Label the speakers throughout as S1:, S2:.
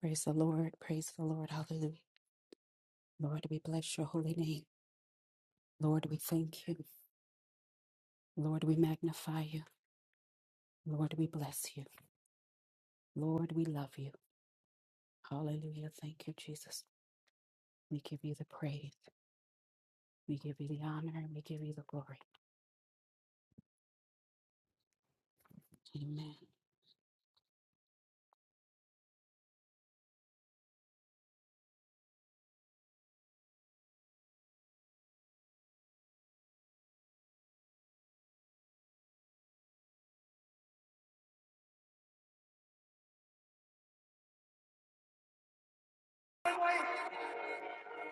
S1: Praise the Lord. Praise the Lord. Hallelujah. Lord, we bless your holy name. Lord, we thank you. Lord, we magnify you. Lord, we bless you. Lord, we love you. Hallelujah. Thank you, Jesus. We give you the praise. We give you the honor and we give you the glory. Amen. Only way,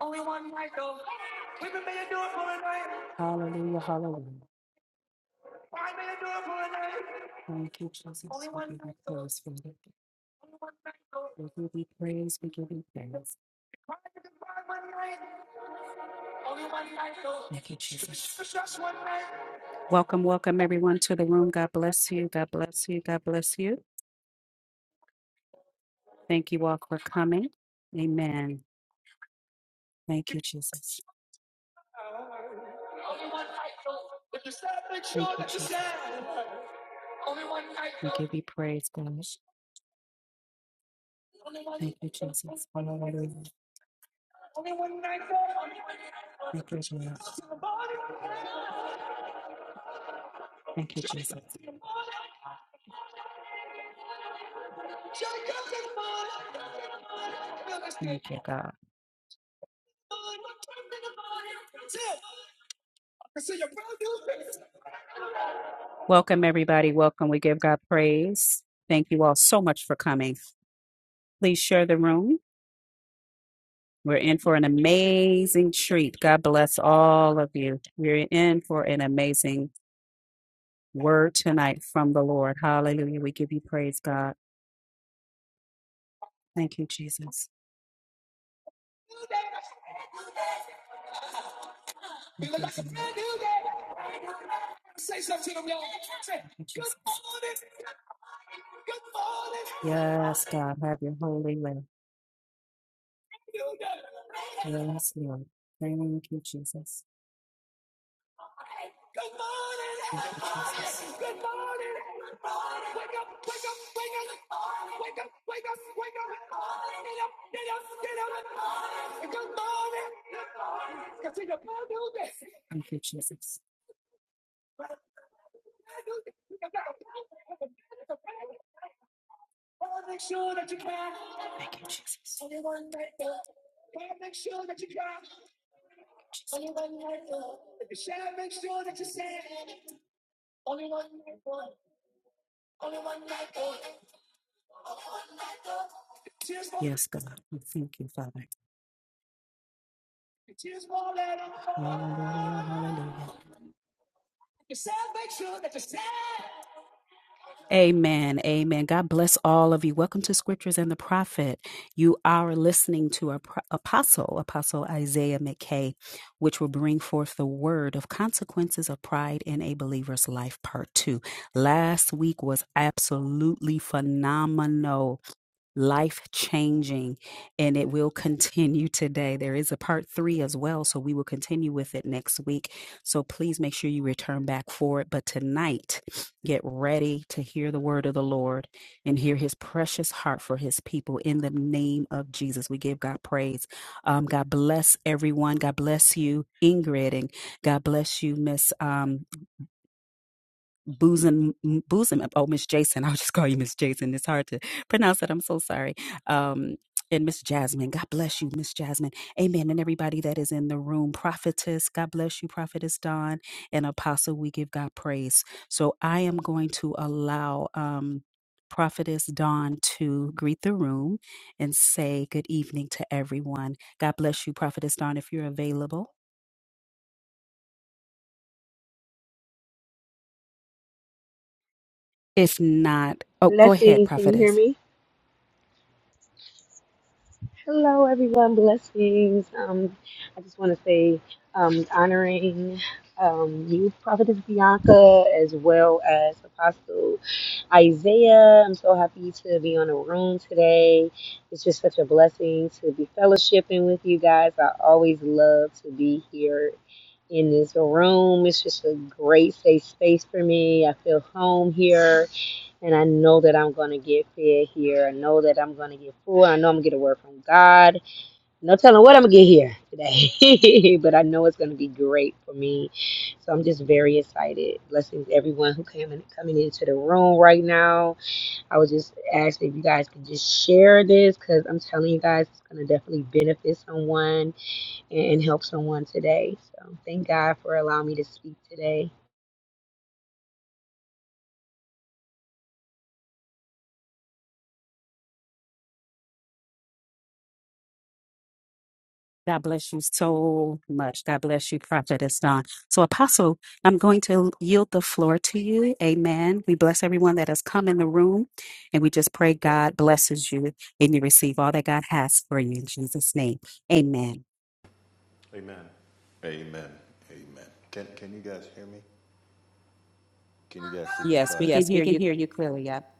S1: only one night We've been made to do it for a Hallelujah. Hallelujah. Thank you, Jesus. We give you praise, Father. We give you praise. We give you thanks. Thank you, Jesus. Welcome, welcome everyone to the room. God bless you. God bless you. God bless you. Thank you all for coming. Amen. Thank you, Jesus. Thank you, Jesus. We give you praise, God. Thank you, Jesus. Hallelujah. Thank you, Jesus. Thank you, Jesus. Thank you, God. Welcome, everybody. Welcome. We give God praise. Thank you all so much for coming. Please share the room. We're in for an amazing treat. God bless all of you. We're in for an amazing word tonight from the Lord. Hallelujah. We give you praise, God. Thank you, Jesus. Thank you, Jesus. Yes, God, have your holy way. Yes, Lord. Thank you, Jesus. Good morning, everybody. Good morning, everybody. Wake up, wake up, wake up. Wake up, wake up, wake up. Get up, get up, get up. Good morning. Because it's a brand new day. Thank you, Jesus. Brand new day. We got a brand new day. It's a brand new day. Father, Make sure that you can. Thank you, Jesus. Father, Make sure that you can. If you share, make sure that you say. Only one night, boy. Only one night, boy. Yes, God. We thank you, Father. Hallelujah. Hallelujah. Amen. Amen. God bless all of you. Welcome to Scriptures and the Prophet. You are listening to our pro- apostle, Apostle Isaiah McKay, which will bring forth the word of consequences of pride in a believer's life, part two. Last week was absolutely phenomenal. life changing, and it will continue today. There is a part three as well, so we will continue with it next week. So please make sure you return back for it. But tonight, get ready to hear the word of the Lord and hear his precious heart for his people in the name of Jesus. We give God praise. Um, God bless everyone. God bless you, Ingrid, and God bless you, Miss. Um, bosom bosom oh miss jason i'll just call you miss jason it's hard to pronounce it i'm so sorry um and miss jasmine god bless you miss jasmine amen and everybody that is in the room prophetess god bless you prophetess Dawn, and apostle we give god praise so i am going to allow um prophetess dawn to greet the room and say good evening to everyone god bless you prophetess dawn if you're available It's not. Oh, go ahead,
S2: Blessings. Can you hear
S1: prophetess.
S2: me? Hello, everyone. Blessings. Um, I just want to say, um, honoring um, you, Prophetess Bianca, as well as Apostle Isaiah. I'm so happy to be on the room today. It's just such a blessing to be fellowshipping with you guys. I always love to be here in this room. It's just a great safe space for me. I feel home here and I know that I'm gonna get fed here. I know that I'm gonna get full. I know I'm gonna get a word from God. No telling what I'm gonna get here today, but I know it's gonna be great for me. So I'm just very excited. Blessings to everyone who came in, coming into the room right now. I was just asked if you guys could just share this because I'm telling you guys it's gonna definitely benefit someone and, and help someone today. So thank God for allowing me to speak today.
S1: God bless you so much. God bless you, Prophetess Don. So, Apostle, I'm going to yield the floor to you. Amen. We bless everyone that has come in the room, and we just pray God blesses you and you receive all that God has for you in Jesus' name. Amen. Yes, we can
S3: Yes, we
S1: hear
S3: can
S1: you.
S3: hear you clearly, yep.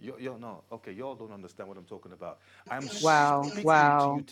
S3: you
S1: Wow.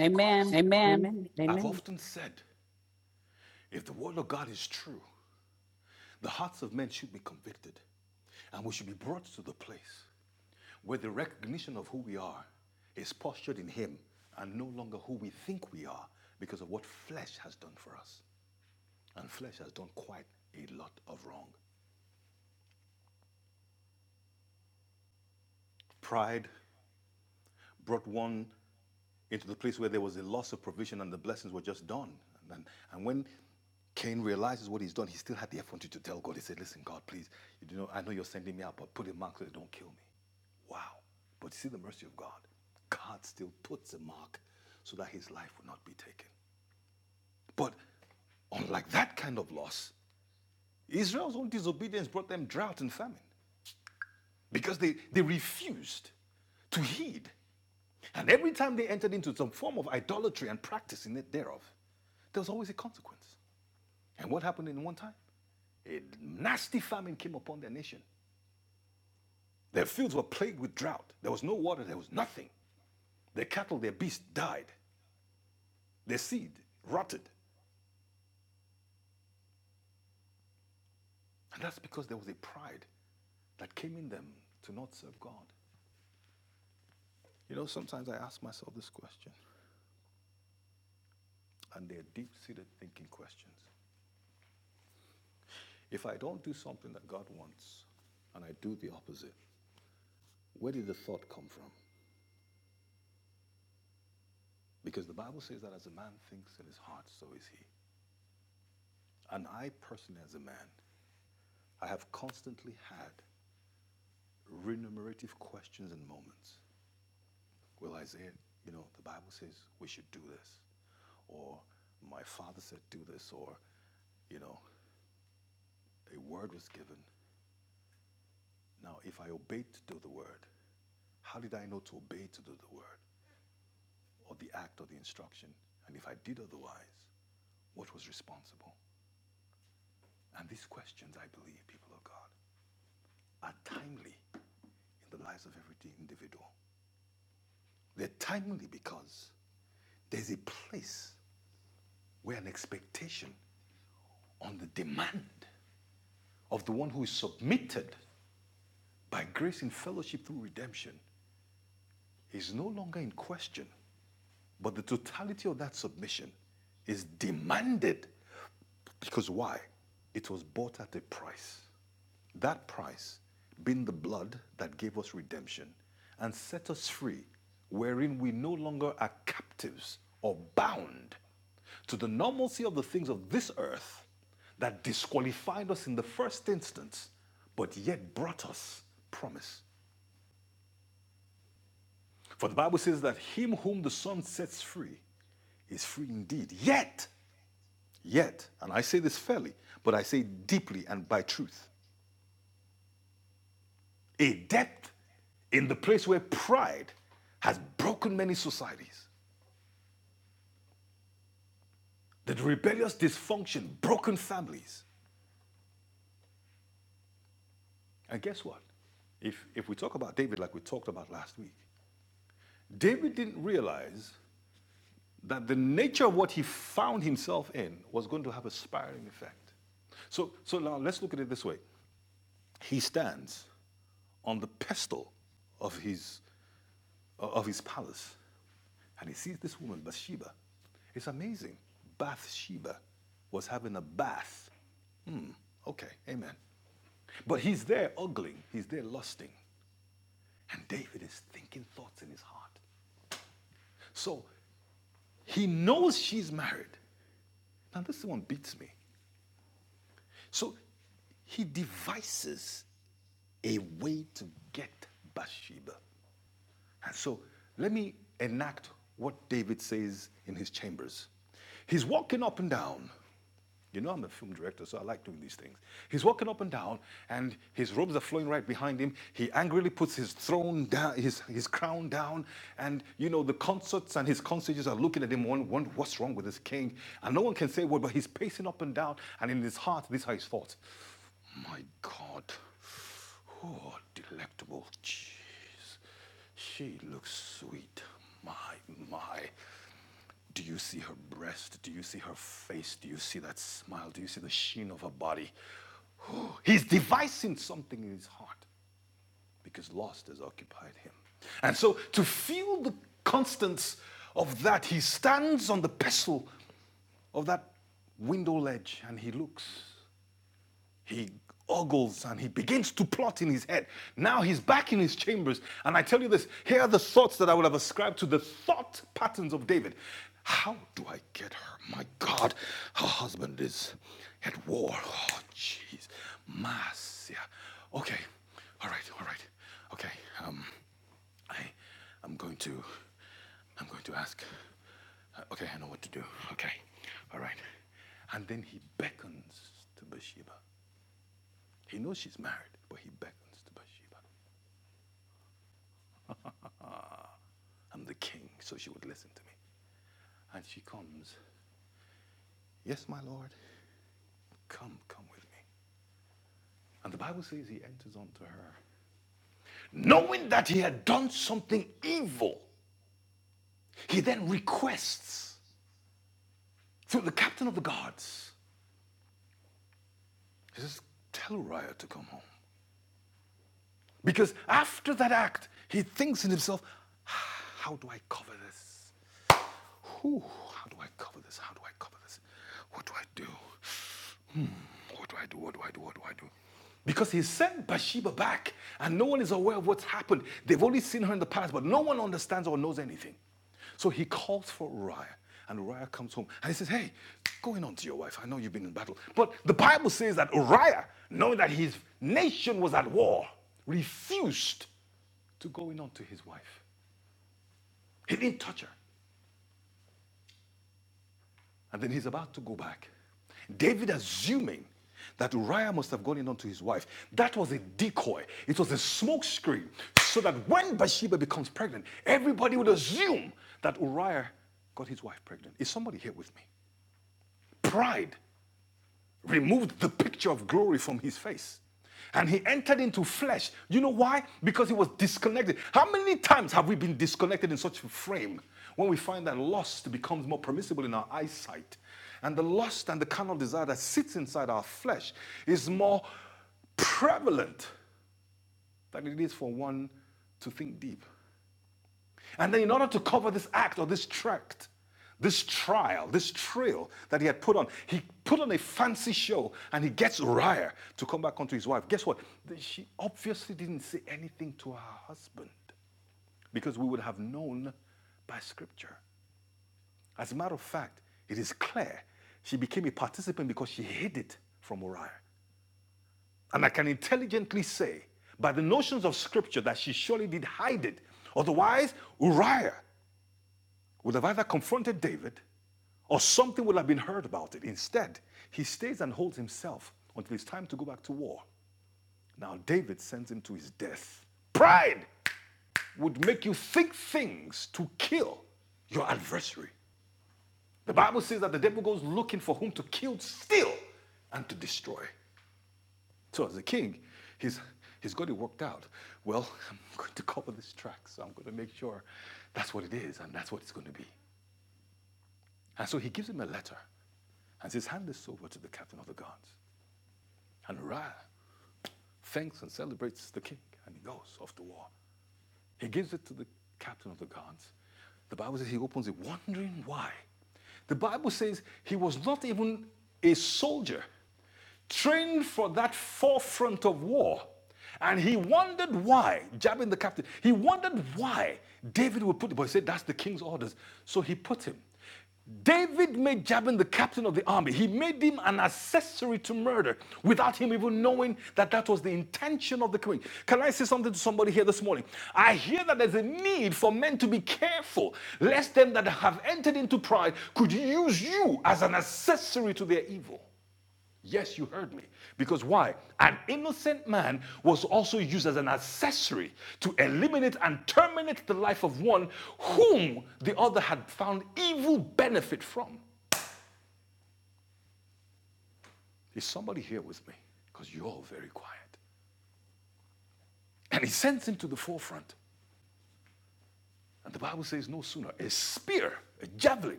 S3: Amen.
S1: Amen.
S3: Amen.
S1: Amen.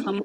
S1: Come.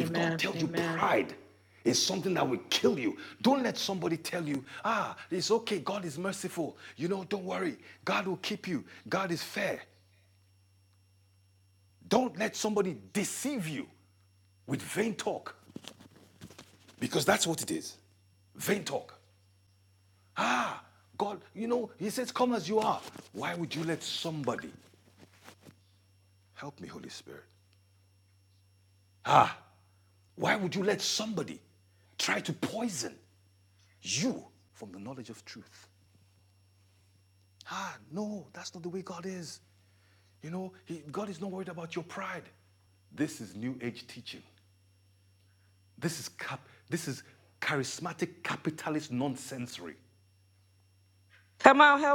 S4: Amen.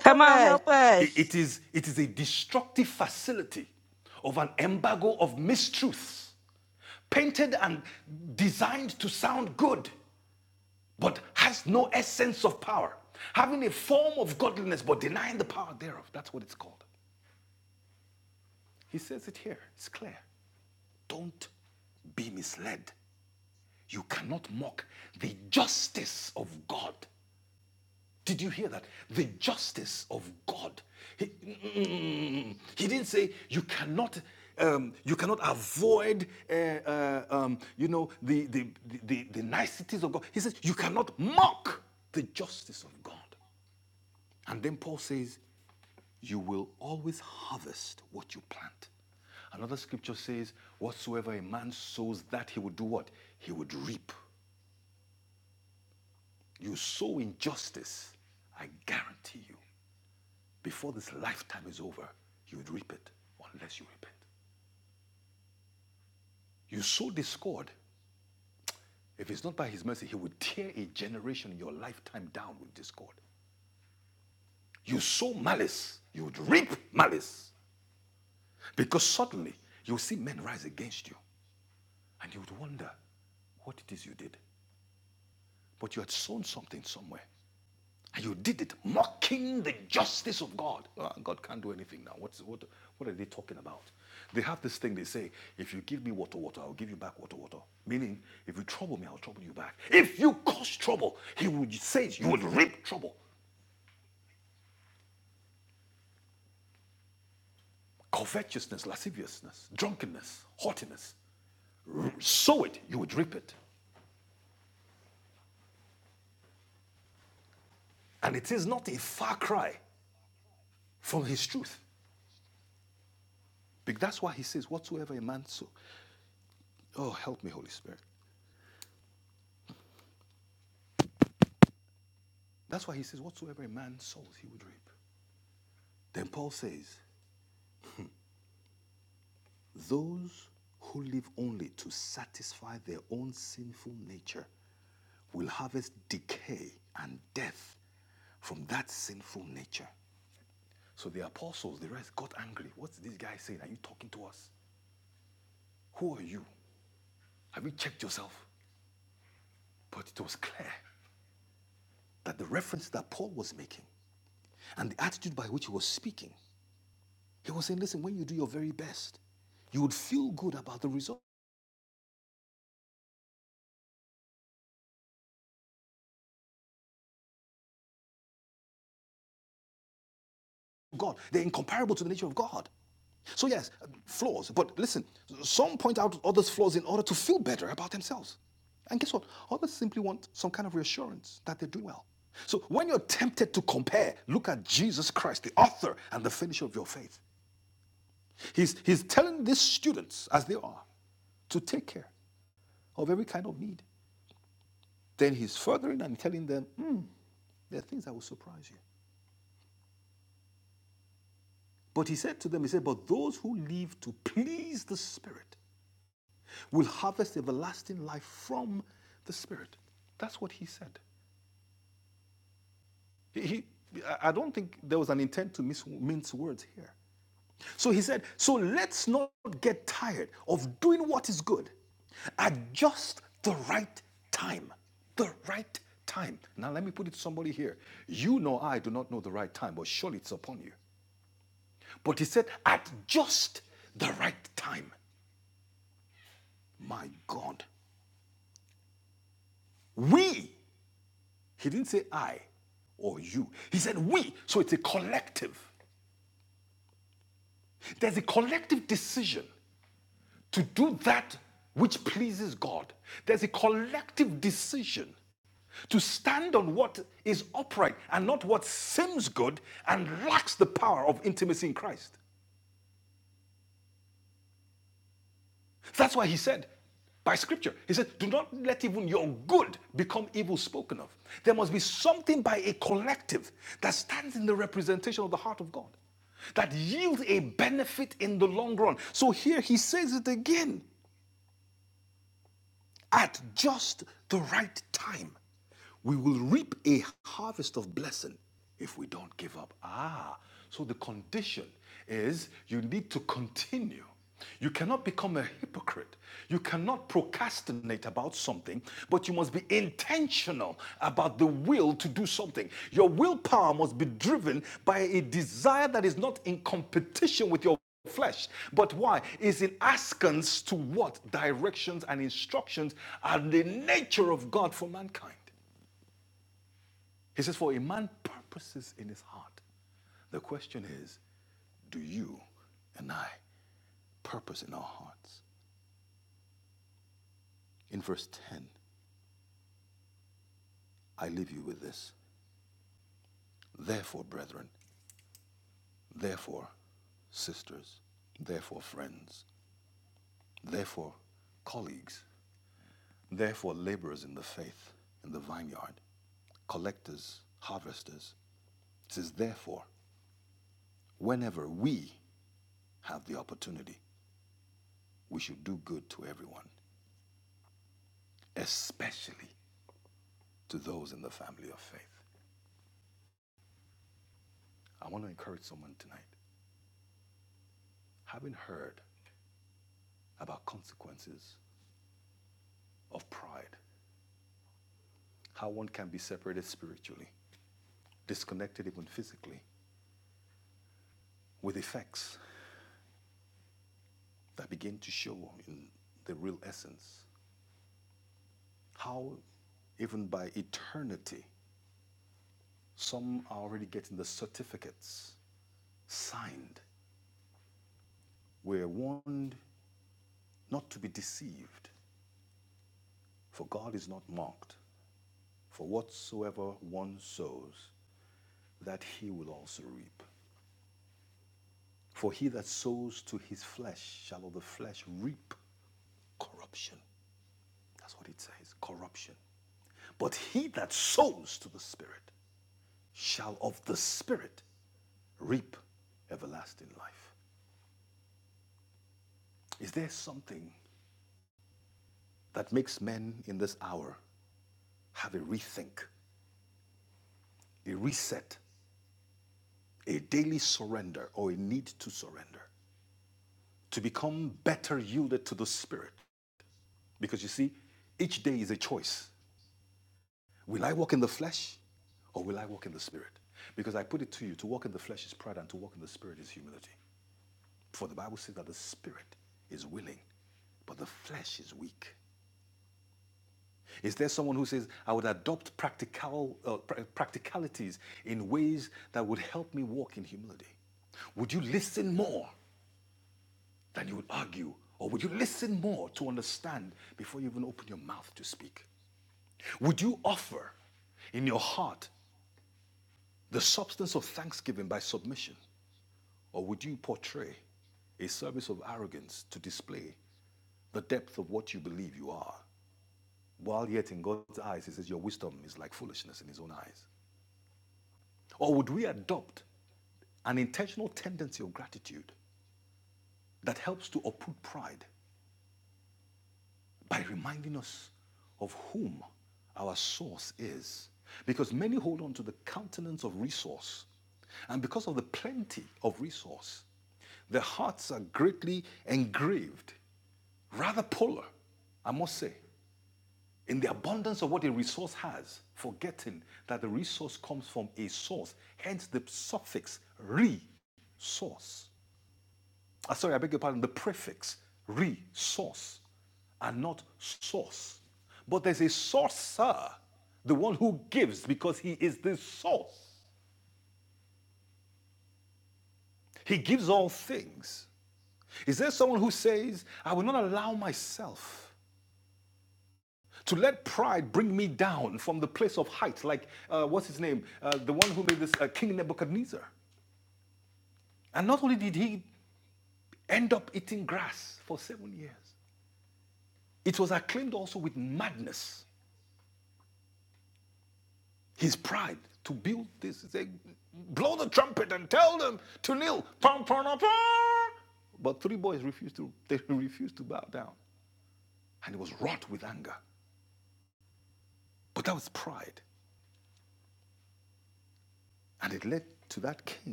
S2: Come on, help us.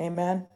S3: Amen.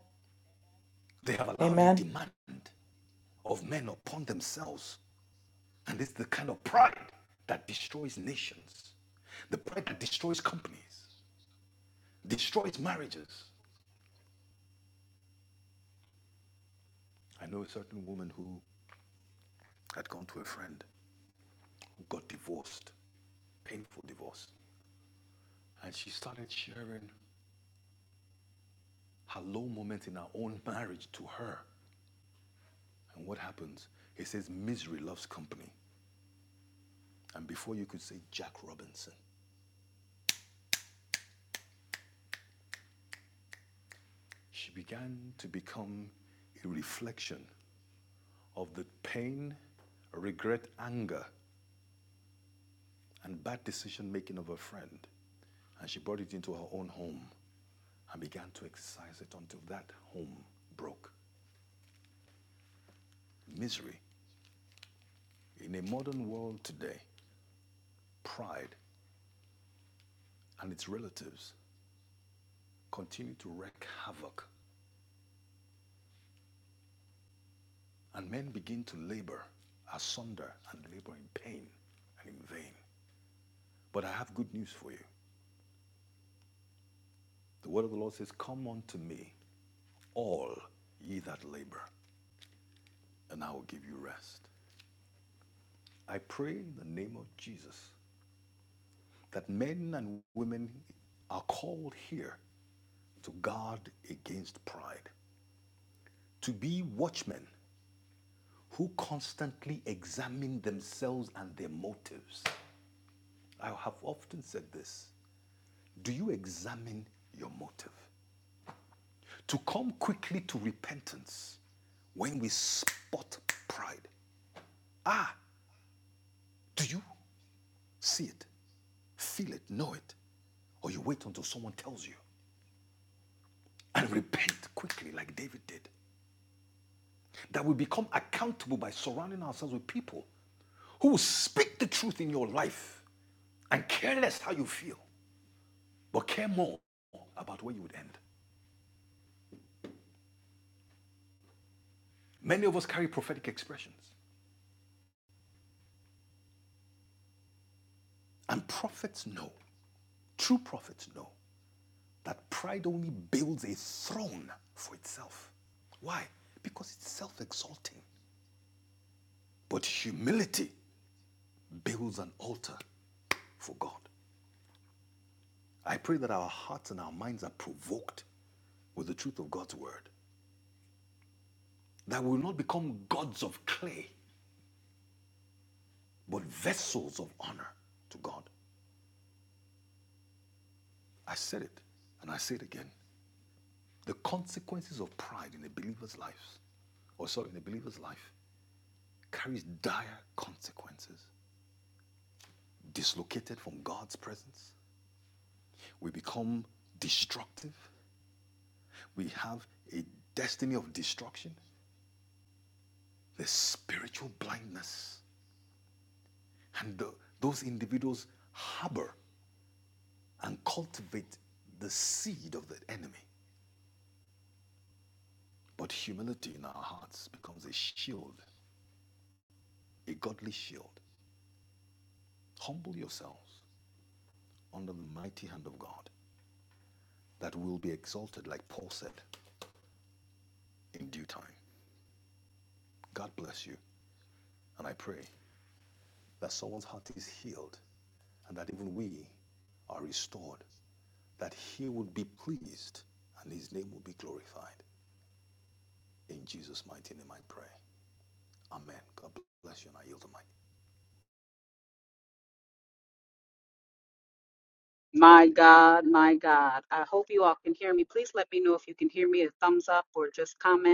S1: My God, my God. I hope you all can hear me. Please let me know if you can hear me. A thumbs up or just comment.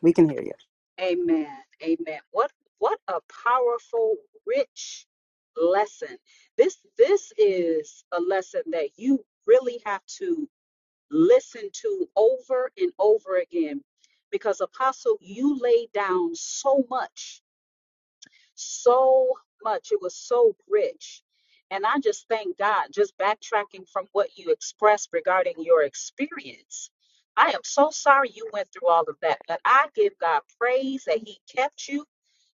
S5: We can hear you.
S1: Amen. Amen. What what a powerful, rich lesson. This this is a lesson that you really have to listen to over and over again because apostle you laid down so much so much it was so rich and i just thank god just backtracking from what you expressed regarding your experience I am so sorry you went through all of that, but I give God praise that He kept you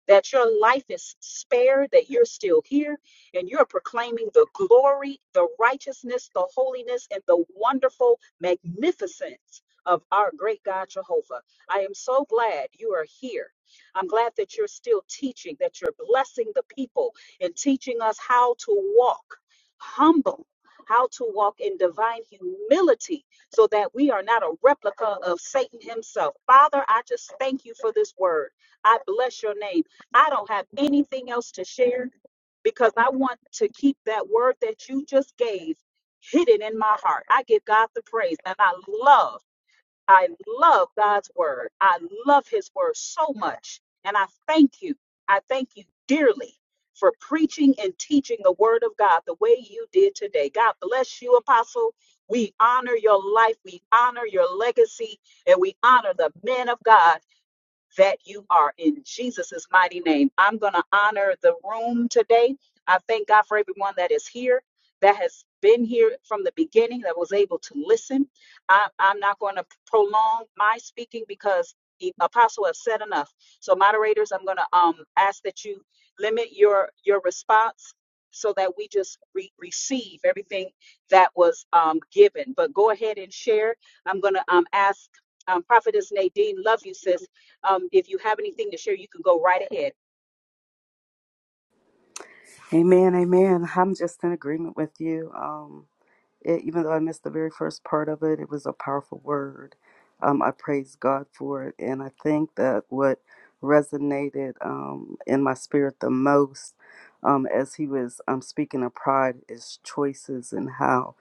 S1: that your life is spared, that you're still here, and you're proclaiming the glory, the righteousness, the holiness, and the wonderful magnificence of our great God Jehovah. I am so glad you are here. I'm glad that you're still teaching, that you're blessing the people and teaching us how to walk humble. How to walk in divine humility so that we are not a replica of Satan himself. Father, I just thank you for this word. I bless your name. I don't have anything else to share because I want to keep that word that you just gave hidden in my heart. I give God the praise and I love, I love God's word. I love his word so much. And I thank you. I thank you dearly for preaching and teaching the word of God the way you did today. God bless you, Apostle. We honor your life, we honor your legacy, and we honor the men of God that you are in Jesus' mighty name. I'm going to honor the room today. I thank God for everyone that is here, that has been here from the beginning, that was able to listen. I, I'm not going to prolong my speaking because the apostle has said enough. So, moderators, I'm going to um, ask that you limit your your response so that we just re- receive everything that was um, given. But go ahead and share. I'm going to um, ask um, Prophetess Nadine, love you, sis um, if you have anything to share, you can go right ahead.
S5: Amen, amen. I'm just in agreement with you. Um, it, even though I missed the very first part of it, it was a powerful word. Um, I praise God for it. And I think that what resonated um, in my spirit the most um, as he was um, speaking of pride is choices and how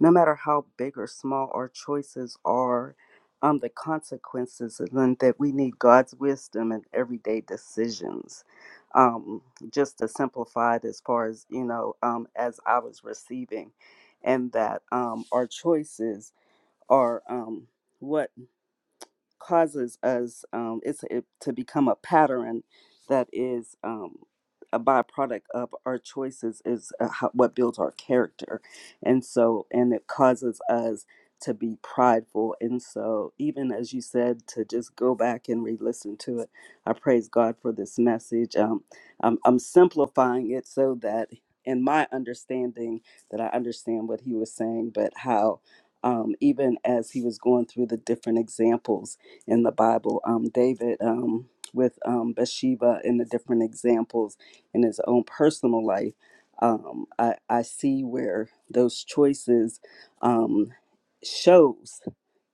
S5: no matter how big or small our choices are, um, the consequences, and then that we need God's wisdom in everyday decisions. Um, just to simplify it, as far as you know, um, as I was receiving, and that um, our choices are um, what causes us um, it's it, to become a pattern that is um, a byproduct of our choices is uh, how, what builds our character and so and it causes us to be prideful and so even as you said to just go back and re-listen to it i praise god for this message um, I'm, I'm simplifying it so that in my understanding that i understand what he was saying but how um, even as he was going through the different examples in the Bible. Um, David um, with um, Bathsheba and the different examples in his own personal life. Um, I, I see where those choices um, shows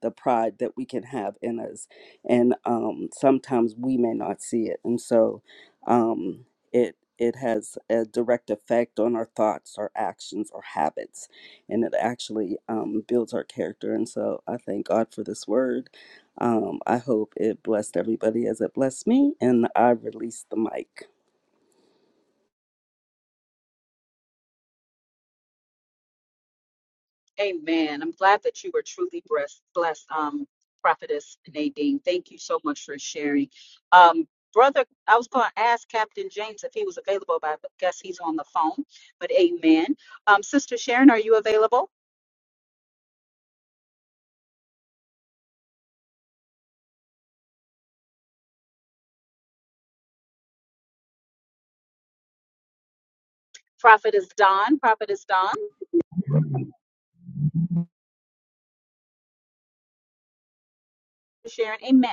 S5: the pride that we can have in us, and um, sometimes we may not see it, and so um, it it has a direct effect on our thoughts, our actions, our habits, and it actually um, builds our character. And so I thank God for this word um, I hope it blessed everybody as it blessed me, and I release the mic.
S1: Amen. I'm glad that you were truly blessed, blessed um, Prophetess Nadine. Thank you so much for sharing. Um, brother, I was going to ask Captain James if he was available, but I guess he's on the phone. But amen. Um, Sister Sharon, are you available? Prophetess Don, Prophetess Don, Sharon, amen.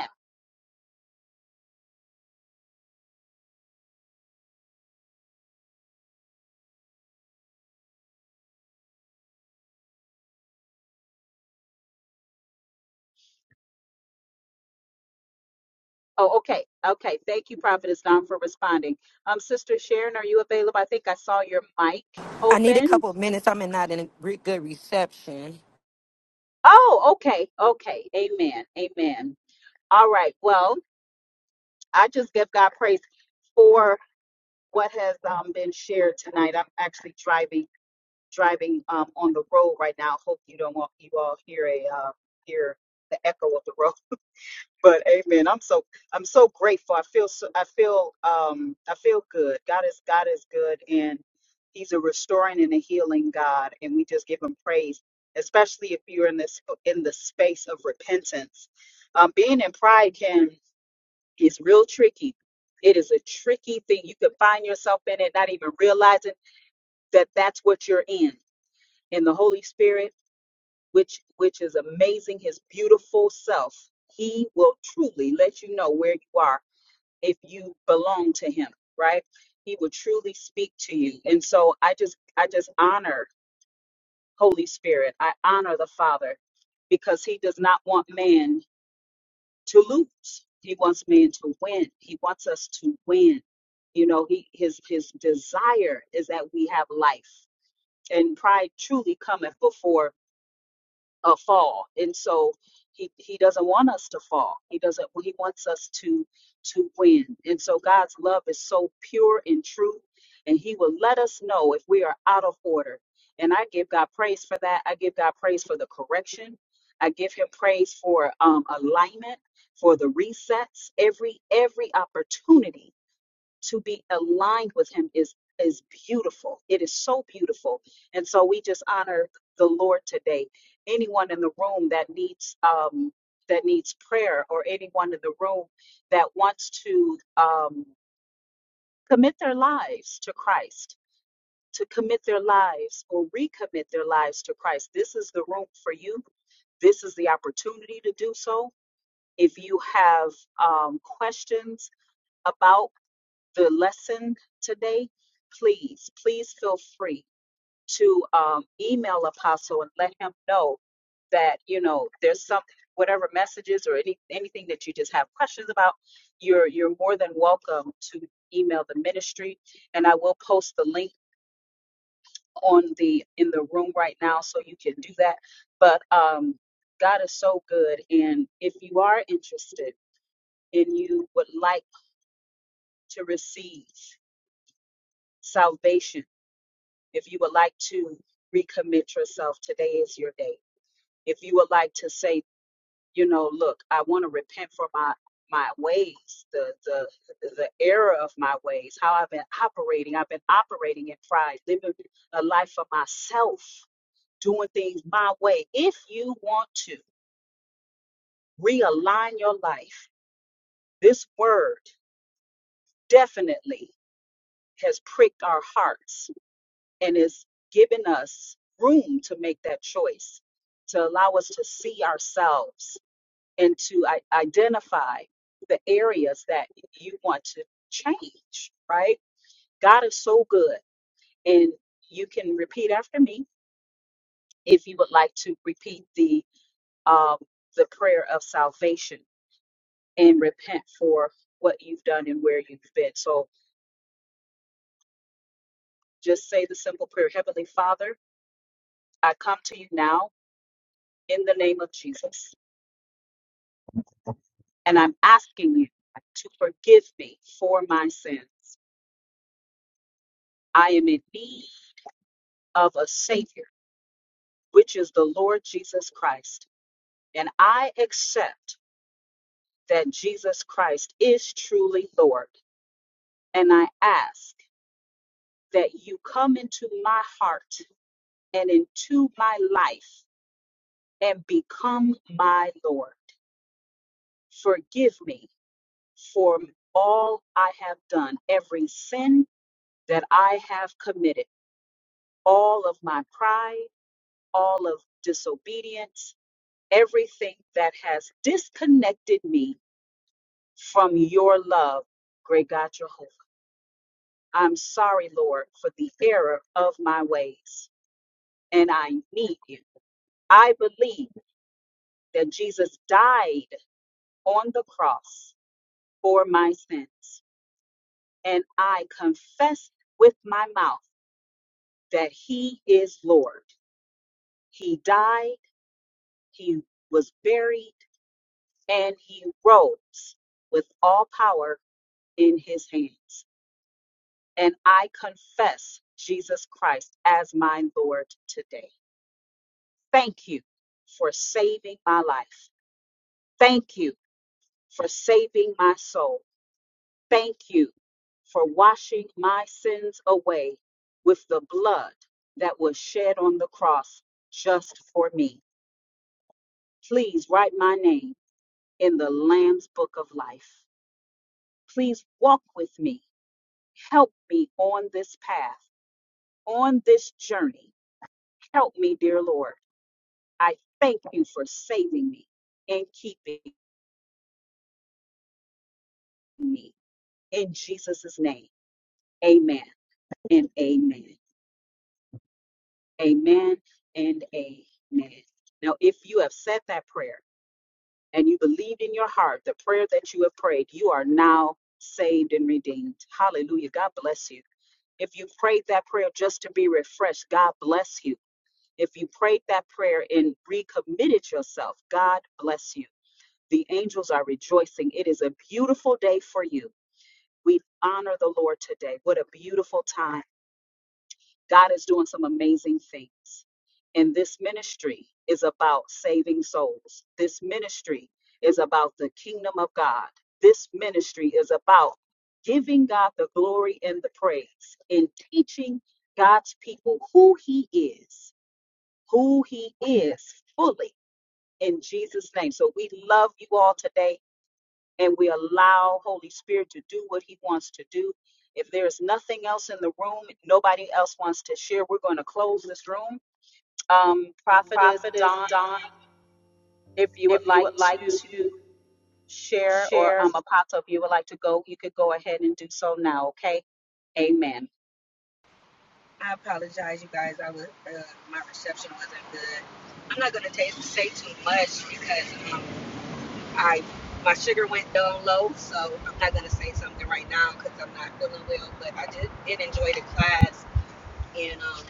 S1: Oh, okay. Okay. Thank you, Prophetess Don, for responding. Um, Sister Sharon, are you available? I think I saw your mic
S2: I need a
S1: opened.
S2: couple of minutes. I'm in not in a re- good reception.
S1: Oh, okay. Okay. Amen. Amen. All right. Well, I just give God praise for what has um, been shared tonight. I'm actually driving driving um, on the road right now. Hope you don't want you all hear a uh, hear the echo of the road. but amen i'm so i'm so grateful i feel so i feel um i feel good god is god is good and he's a restoring and a healing god and we just give him praise especially if you're in this in the space of repentance um being in pride can is real tricky it is a tricky thing you can find yourself in it not even realizing that that's what you're in in the holy spirit which which is amazing his beautiful self he will truly let you know where you are if you belong to him right he will truly speak to you and so i just i just honor holy spirit i honor the father because he does not want man to lose he wants man to win he wants us to win you know he his his desire is that we have life and pride truly cometh before uh, fall. And so he he doesn't want us to fall. He doesn't. He wants us to to win. And so God's love is so pure and true, and He will let us know if we are out of order. And I give God praise for that. I give God praise for the correction. I give Him praise for um, alignment, for the resets. Every every opportunity to be aligned with him is is beautiful it is so beautiful and so we just honor the lord today anyone in the room that needs um that needs prayer or anyone in the room that wants to um commit their lives to christ to commit their lives or recommit their lives to christ this is the room for you this is the opportunity to do so if you have um, questions about the lesson today, please, please feel free to um, email Apostle and let him know that, you know, there's some whatever messages or any anything that you just have questions about, you're you're more than welcome to email the ministry. And I will post the link on the in the room right now so you can do that. But um God is so good and if you are interested and you would like to receive salvation If you would like to recommit yourself, today is your day. If you would like to say, you know, look, I want to repent for my my ways, the the the error of my ways, how I've been operating. I've been operating in pride, living a life for myself, doing things my way. If you want to realign your life, this word definitely has pricked our hearts and it's given us room to make that choice to allow us to see ourselves and to I- identify the areas that you want to change right god is so good and you can repeat after me if you would like to repeat the um, the prayer of salvation and repent for what you've done and where you've been so just say the simple prayer heavenly father i come to you now in the name of jesus and I'm asking you to forgive me for my sins. I am in need of a Savior, which is the Lord Jesus Christ. And I accept that Jesus Christ is truly Lord. And I ask that you come into my heart and into my life and become my Lord. Forgive me for all I have done, every sin that I have committed all of my pride, all of disobedience, everything that has disconnected me from your love, great God Jehovah. I'm sorry, Lord, for the error of my ways, and I need you. I believe that Jesus died on the cross for my sins, and I confess with my mouth that he is Lord. He died, he was buried and he rose with all power in his hands. And I confess Jesus Christ as my Lord today. Thank you for saving my life. Thank you for saving my soul. Thank you for washing my sins away with the blood that was shed on the cross just for me. Please write my name in the Lamb's Book of Life. Please walk with me Help me on this path, on this journey. Help me, dear Lord. I thank you for saving me and keeping me. In Jesus' name, amen and amen. Amen and amen. Now, if you have said that prayer and you believed in your heart the prayer that you have prayed, you are now saved and redeemed. Hallelujah. God bless you. If you prayed that prayer just to be refreshed, God bless you. If you prayed that prayer and recommitted yourself, God bless you. The angels are rejoicing. It is a beautiful day for you. We honor the Lord today. What a beautiful time. God is doing some amazing things. And this ministry is about saving souls. This ministry is about the kingdom of God. This ministry is about giving God the glory and the praise and teaching God's people who He is who he is fully in Jesus' name. So we love you all today and we allow Holy Spirit to do what he wants to do. If there's nothing else in the room, nobody else wants to share, we're going to close this room. Um, Prophetess
S3: Prophetess
S1: Don,
S3: Dawn,
S1: if you would
S3: if you
S1: like
S3: would like
S1: to
S3: to
S1: share, or
S3: share
S1: um, Apostle, if you would like to go, you could go ahead and do so now, okay? Amen.
S2: I apologize, you guys. I was uh, my reception wasn't good. I'm not gonna t- say too much because um, I my sugar went down low, so I'm not gonna say something right now because I'm not feeling well. But I did, did enjoy the class and um,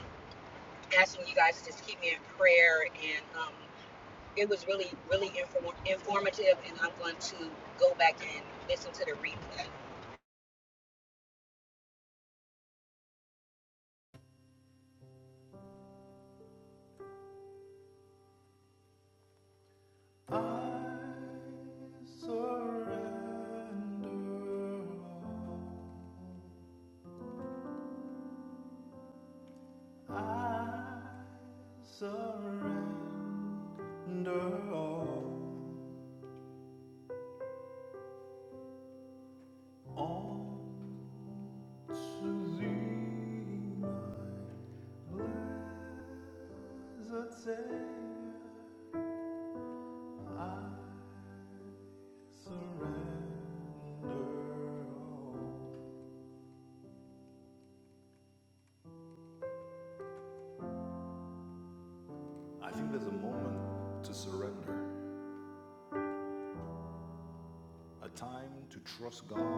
S2: asking you guys to just keep me in prayer. And um, it was really really inform- informative, and I'm going to go back and listen to the replay.